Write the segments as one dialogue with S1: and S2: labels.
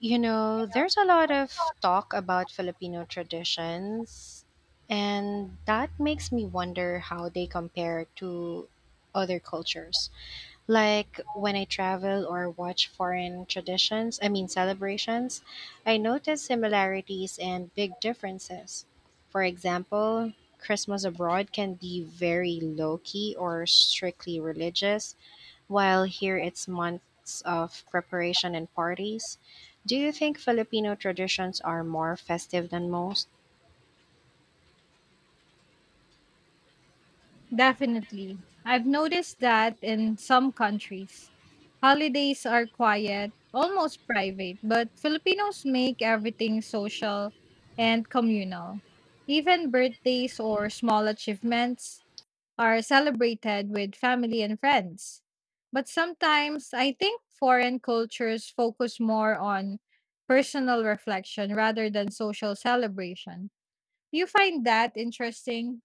S1: You know, there's a lot of talk about Filipino traditions, and that makes me wonder how they compare to other cultures. Like when I travel or watch foreign traditions, celebrations, I notice similarities and big differences. For example, Christmas abroad can be very low key or strictly religious, while here it's months of preparation and parties. Do you think Filipino traditions are more festive than most?
S2: Definitely. I've noticed that in some countries, holidays are quiet, almost private, but Filipinos make everything social and communal. Even birthdays or small achievements are celebrated with family and friends. But sometimes I think foreign cultures focus more on personal reflection rather than social celebration. Do you find that interesting?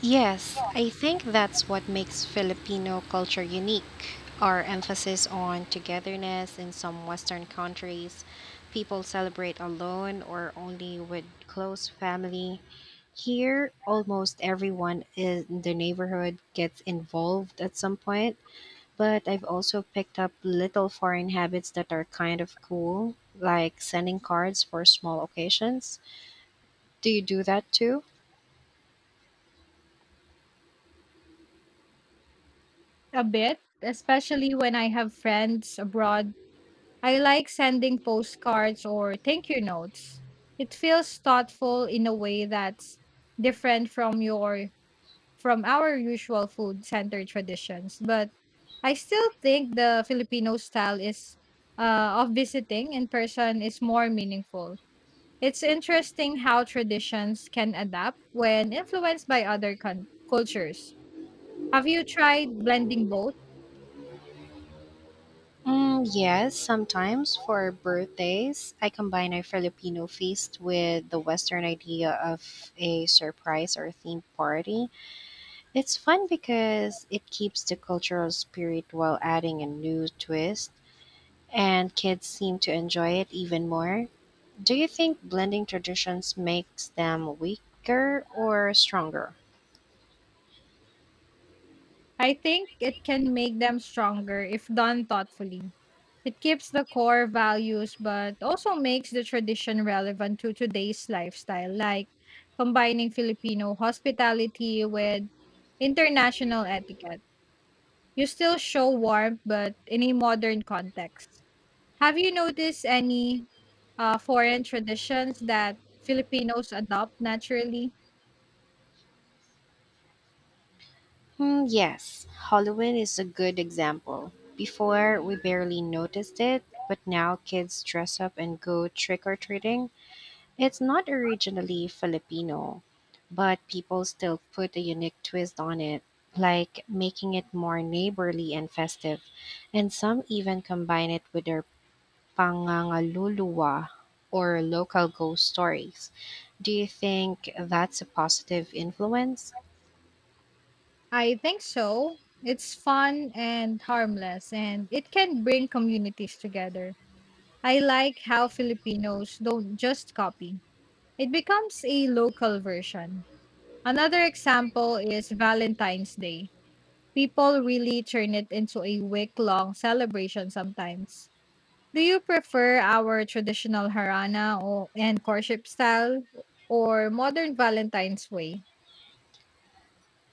S1: Yes, I think that's what makes Filipino culture unique. Our emphasis on togetherness in some Western countries, people celebrate alone or only with close family. Here, almost everyone in the neighborhood gets involved at some point, but I've also picked up little foreign habits that are kind of cool, like sending cards for small occasions. Do you do that too?
S2: A bit, especially when I have friends abroad. I like sending postcards or thank you notes. It feels thoughtful in a way that's different from your from our usual food center traditions, but I still think the Filipino style is of visiting in person is more meaningful. It's interesting how traditions can adapt when influenced by cultures. Have you tried blending both?
S1: Mm, yes, sometimes for birthdays, I combine a Filipino feast with the Western idea of a surprise or themed party. It's fun because it keeps the cultural spirit while adding a new twist, and kids seem to enjoy it even more. Do you think blending traditions makes them weaker or stronger?
S2: I think it can make them stronger if done thoughtfully. It keeps the core values but also makes the tradition relevant to today's lifestyle, like combining Filipino hospitality with international etiquette. You still show warmth, but in a modern context. Have you noticed any foreign traditions that Filipinos adopt naturally?
S1: Hmm, yes, Halloween is a good example. Before, we barely noticed it, but now kids dress up and go trick or treating. It's not originally Filipino, but people still put a unique twist on it, like making it more neighborly and festive. And some even combine it with their pangangaluluwa or local ghost stories. Do you think that's a positive influence?
S2: I think so. It's fun and harmless, and it can bring communities together. I like how Filipinos don't just copy, it becomes a local version. Another example is Valentine's Day. People really turn it into a week long celebration sometimes. Do you prefer our traditional harana and courtship style or modern Valentine's way?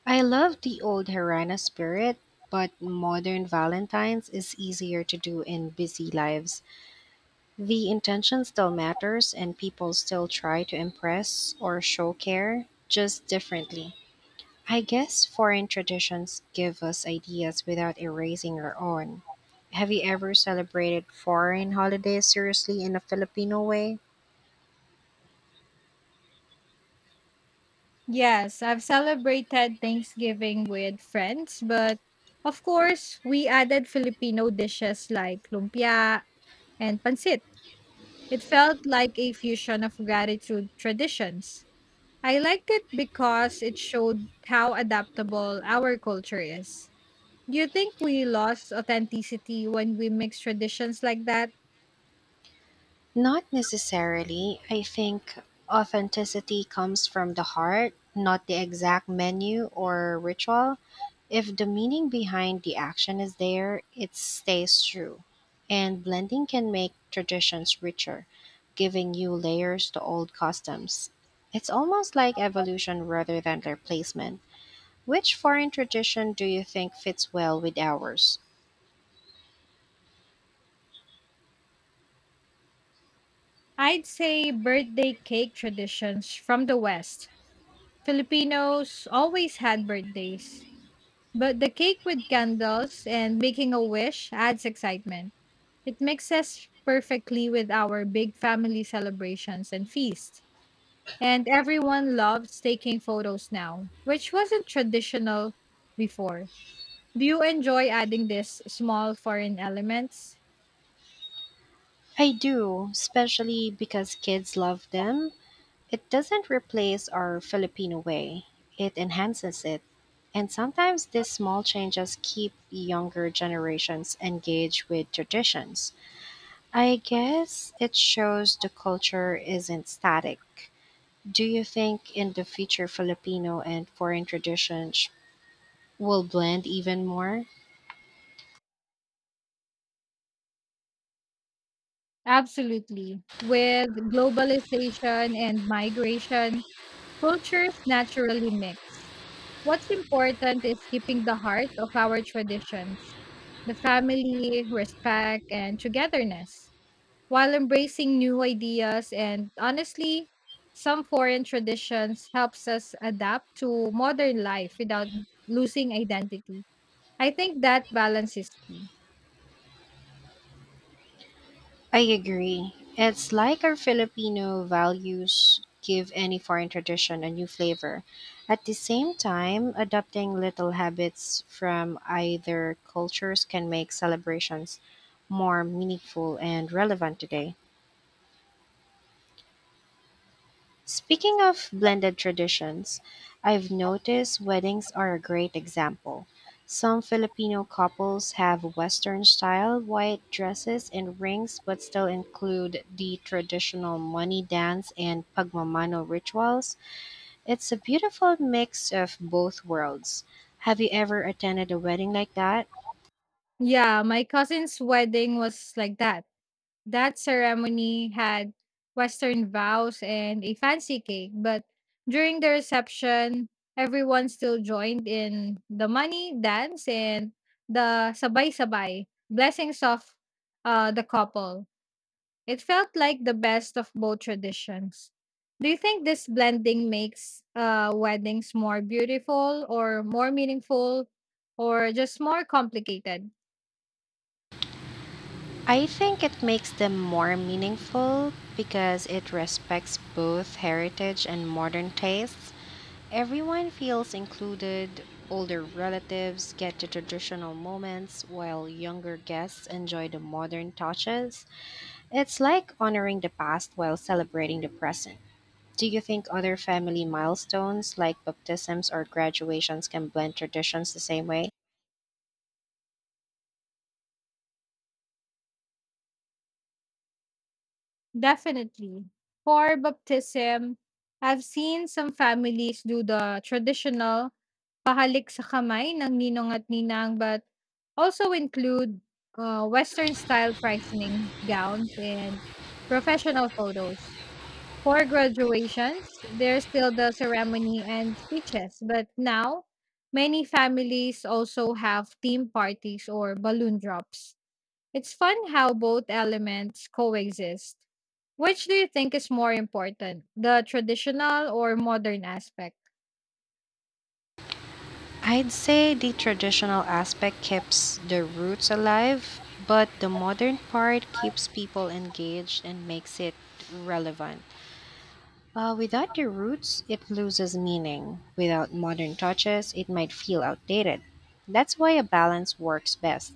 S1: I love the old Harana spirit, but modern Valentine's is easier to do in busy lives. The intention still matters and people still try to impress or show care, just differently. I guess foreign traditions give us ideas without erasing our own. Have you ever celebrated foreign holidays seriously in a Filipino way?
S2: Yes, I've celebrated Thanksgiving with friends, but of course, we added Filipino dishes like lumpia and pancit. It felt like a fusion of gratitude traditions. I liked it because it showed how adaptable our culture is. Do you think we lost authenticity when we mix traditions like that?
S1: Not necessarily. I think authenticity comes from the heart, not the exact menu or ritual. If the meaning behind the action is there, it stays true. And blending can make traditions richer, giving new layers to old customs. It's almost like evolution rather than replacement. Which foreign tradition do you think fits well with ours?
S2: I'd say birthday cake traditions from the West. Filipinos always had birthdays, but the cake with candles and making a wish adds excitement. It mixes perfectly with our big family celebrations and feasts. And everyone loves taking photos now, which wasn't traditional before. Do you enjoy adding these small foreign elements?
S1: I do, especially because kids love them. It doesn't replace our Filipino way, it enhances it. And sometimes these small changes keep younger generations engaged with traditions. I guess it shows the culture isn't static. Do you think in the future Filipino and foreign traditions will blend even more?
S2: Absolutely. With globalization and migration, cultures naturally mix. What's important is keeping the heart of our traditions, the family, respect, and togetherness, while embracing new ideas and honestly, some foreign traditions helps us adapt to modern life without losing identity. I think that balance is key.
S1: I agree. It's like our Filipino values give any foreign tradition a new flavor, at the same time, adopting little habits from either cultures can make celebrations more meaningful and relevant today. Speaking of blended traditions, I've noticed weddings are a great example. Some Filipino couples have Western style white dresses and rings, but still include the traditional money dance and pagmamano rituals. It's a beautiful mix of both worlds. Have you ever attended a wedding like that?
S2: Yeah, my cousin's wedding was like that. That ceremony had Western vows and a fancy cake, but during the reception, everyone still joined in the money dance and the sabay-sabay blessings of the couple. It felt like the best of both traditions. Do you think this blending makes weddings more beautiful or more meaningful or just more complicated?
S1: I think it makes them more meaningful because it respects both heritage and modern tastes. Everyone feels included. Older relatives get the traditional moments while younger guests enjoy the modern touches. It's like honoring the past while celebrating the present. Do you think other family milestones like baptisms or graduations can blend traditions the same way?
S2: Definitely. For baptism, I've seen some families do the traditional pahalik sa kamay ng ninong at ninang but also include Western style christening gowns and professional photos. For graduations, there's still the ceremony and speeches, but now many families also have theme parties or balloon drops. It's fun how both elements coexist. Which do you think is more important, the traditional or modern aspect?
S1: I'd say the traditional aspect keeps the roots alive, but the modern part keeps people engaged and makes it relevant. Without the roots, it loses meaning. Without modern touches, it might feel outdated. That's why a balance works best.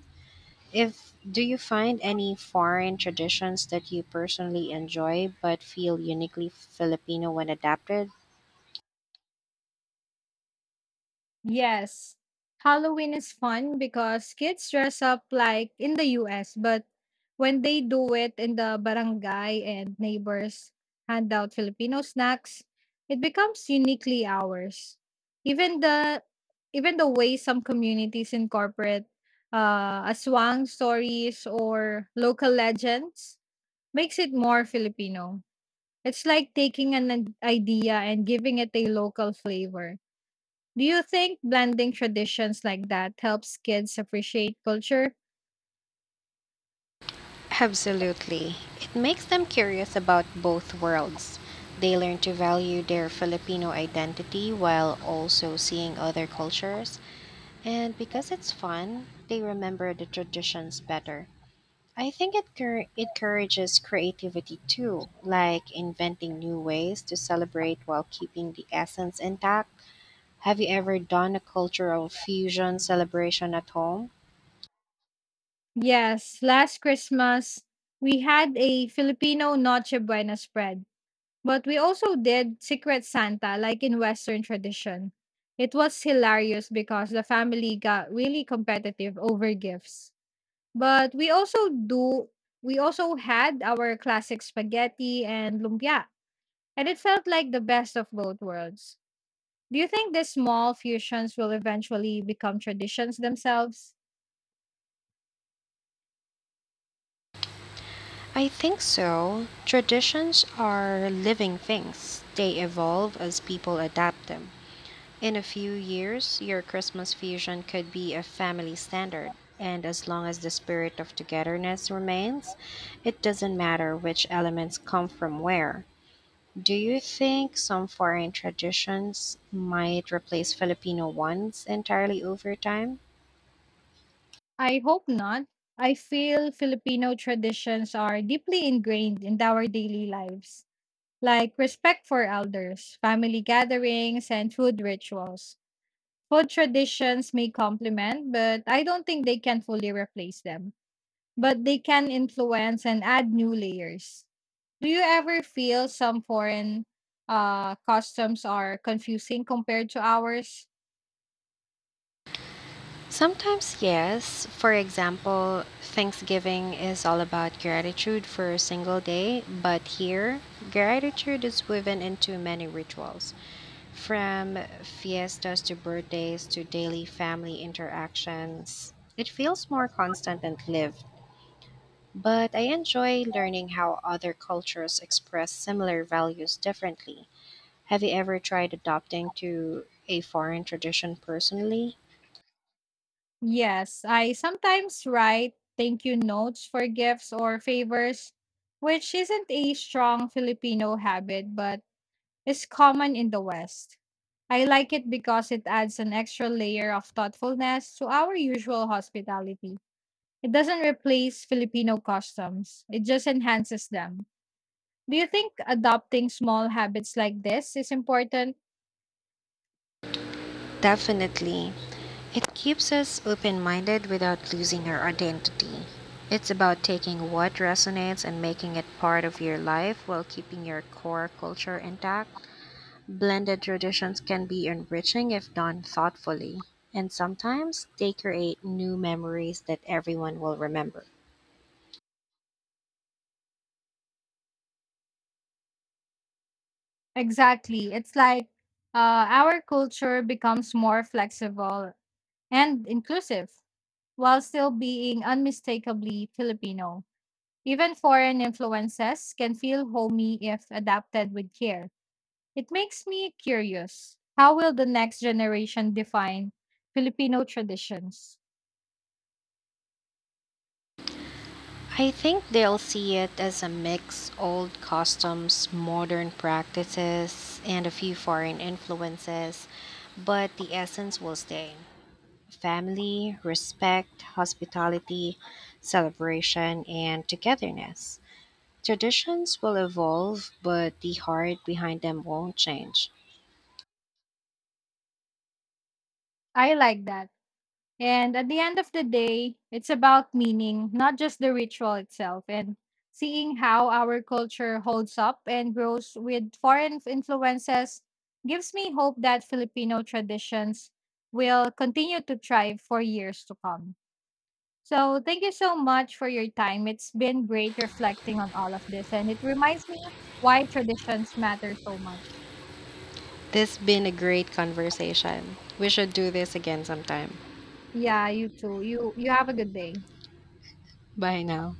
S1: If do you find any foreign traditions that you personally enjoy but feel uniquely Filipino when adapted?
S2: Yes. Halloween is fun because kids dress up like in the US, but when they do it in the barangay and neighbors hand out Filipino snacks, it becomes uniquely ours. Even the Even the way some communities incorporate aswang stories or local legends makes it more Filipino. It's like taking an idea and giving it a local flavor. Do you think blending traditions like that helps kids appreciate culture?
S1: Absolutely. It makes them curious about both worlds. They learn to value their Filipino identity while also seeing other cultures, and because it's fun, they remember the traditions better. I think encourages creativity too, like inventing new ways to celebrate while keeping the essence intact. Have you ever done a cultural fusion celebration at home?
S2: Yes, last Christmas we had a Filipino Noche Buena spread, but we also did Secret Santa like in Western tradition. It was hilarious because the family got really competitive over gifts. But we also do We also had our classic spaghetti and lumpia, and it felt like the best of both worlds. Do you think these small fusions will eventually become traditions themselves?
S1: I think so. Traditions are living things, they evolve as people adapt them. In a few years, your Christmas fusion could be a family standard. And as long as the spirit of togetherness remains, it doesn't matter which elements come from where. Do you think some foreign traditions might replace Filipino ones entirely over time?
S2: I hope not. I feel Filipino traditions are deeply ingrained in our daily lives, like respect for elders, family gatherings, and food rituals. Food traditions may complement, but I don't think they can fully replace them. But they can influence and add new layers. Do you ever feel some foreign customs are confusing compared to ours?
S1: Sometimes, yes. For example, Thanksgiving is all about gratitude for a single day, but here, gratitude is woven into many rituals. From fiestas to birthdays to daily family interactions, it feels more constant and lived. But I enjoy learning how other cultures express similar values differently. Have you ever tried adopting to a foreign tradition personally?
S2: Yes, I sometimes write thank you notes for gifts or favors, which isn't a strong Filipino habit but is common in the West. I like it because it adds an extra layer of thoughtfulness to our usual hospitality. It doesn't replace Filipino customs, it just enhances them. Do you think adopting small habits like this is important?
S1: Definitely. It keeps us open minded without losing our identity. It's about taking what resonates and making it part of your life while keeping your core culture intact. Blended traditions can be enriching if done thoughtfully, and sometimes they create new memories that everyone will remember.
S2: Exactly. It's like our culture becomes more flexible and inclusive while still being unmistakably Filipino. Even foreign influences can feel homey if adapted with care. It makes me curious. How will the next generation define Filipino traditions?
S1: I think they'll see it as a mix old customs, modern practices, and a few foreign influences, but the essence will stay family, respect, hospitality, celebration, and togetherness. Traditions will evolve, but the heart behind them won't change.
S2: I like that. And at the end of the day, it's about meaning, not just the ritual itself, and seeing how our culture holds up and grows with foreign influences gives me hope that Filipino traditions will continue to thrive for years to come. So, thank you so much for your time. It's been great reflecting on all of this and it reminds me why traditions matter so much.
S1: This has been a great conversation. We should do this again sometime.
S2: Yeah, you too. You have a good day.
S1: Bye now.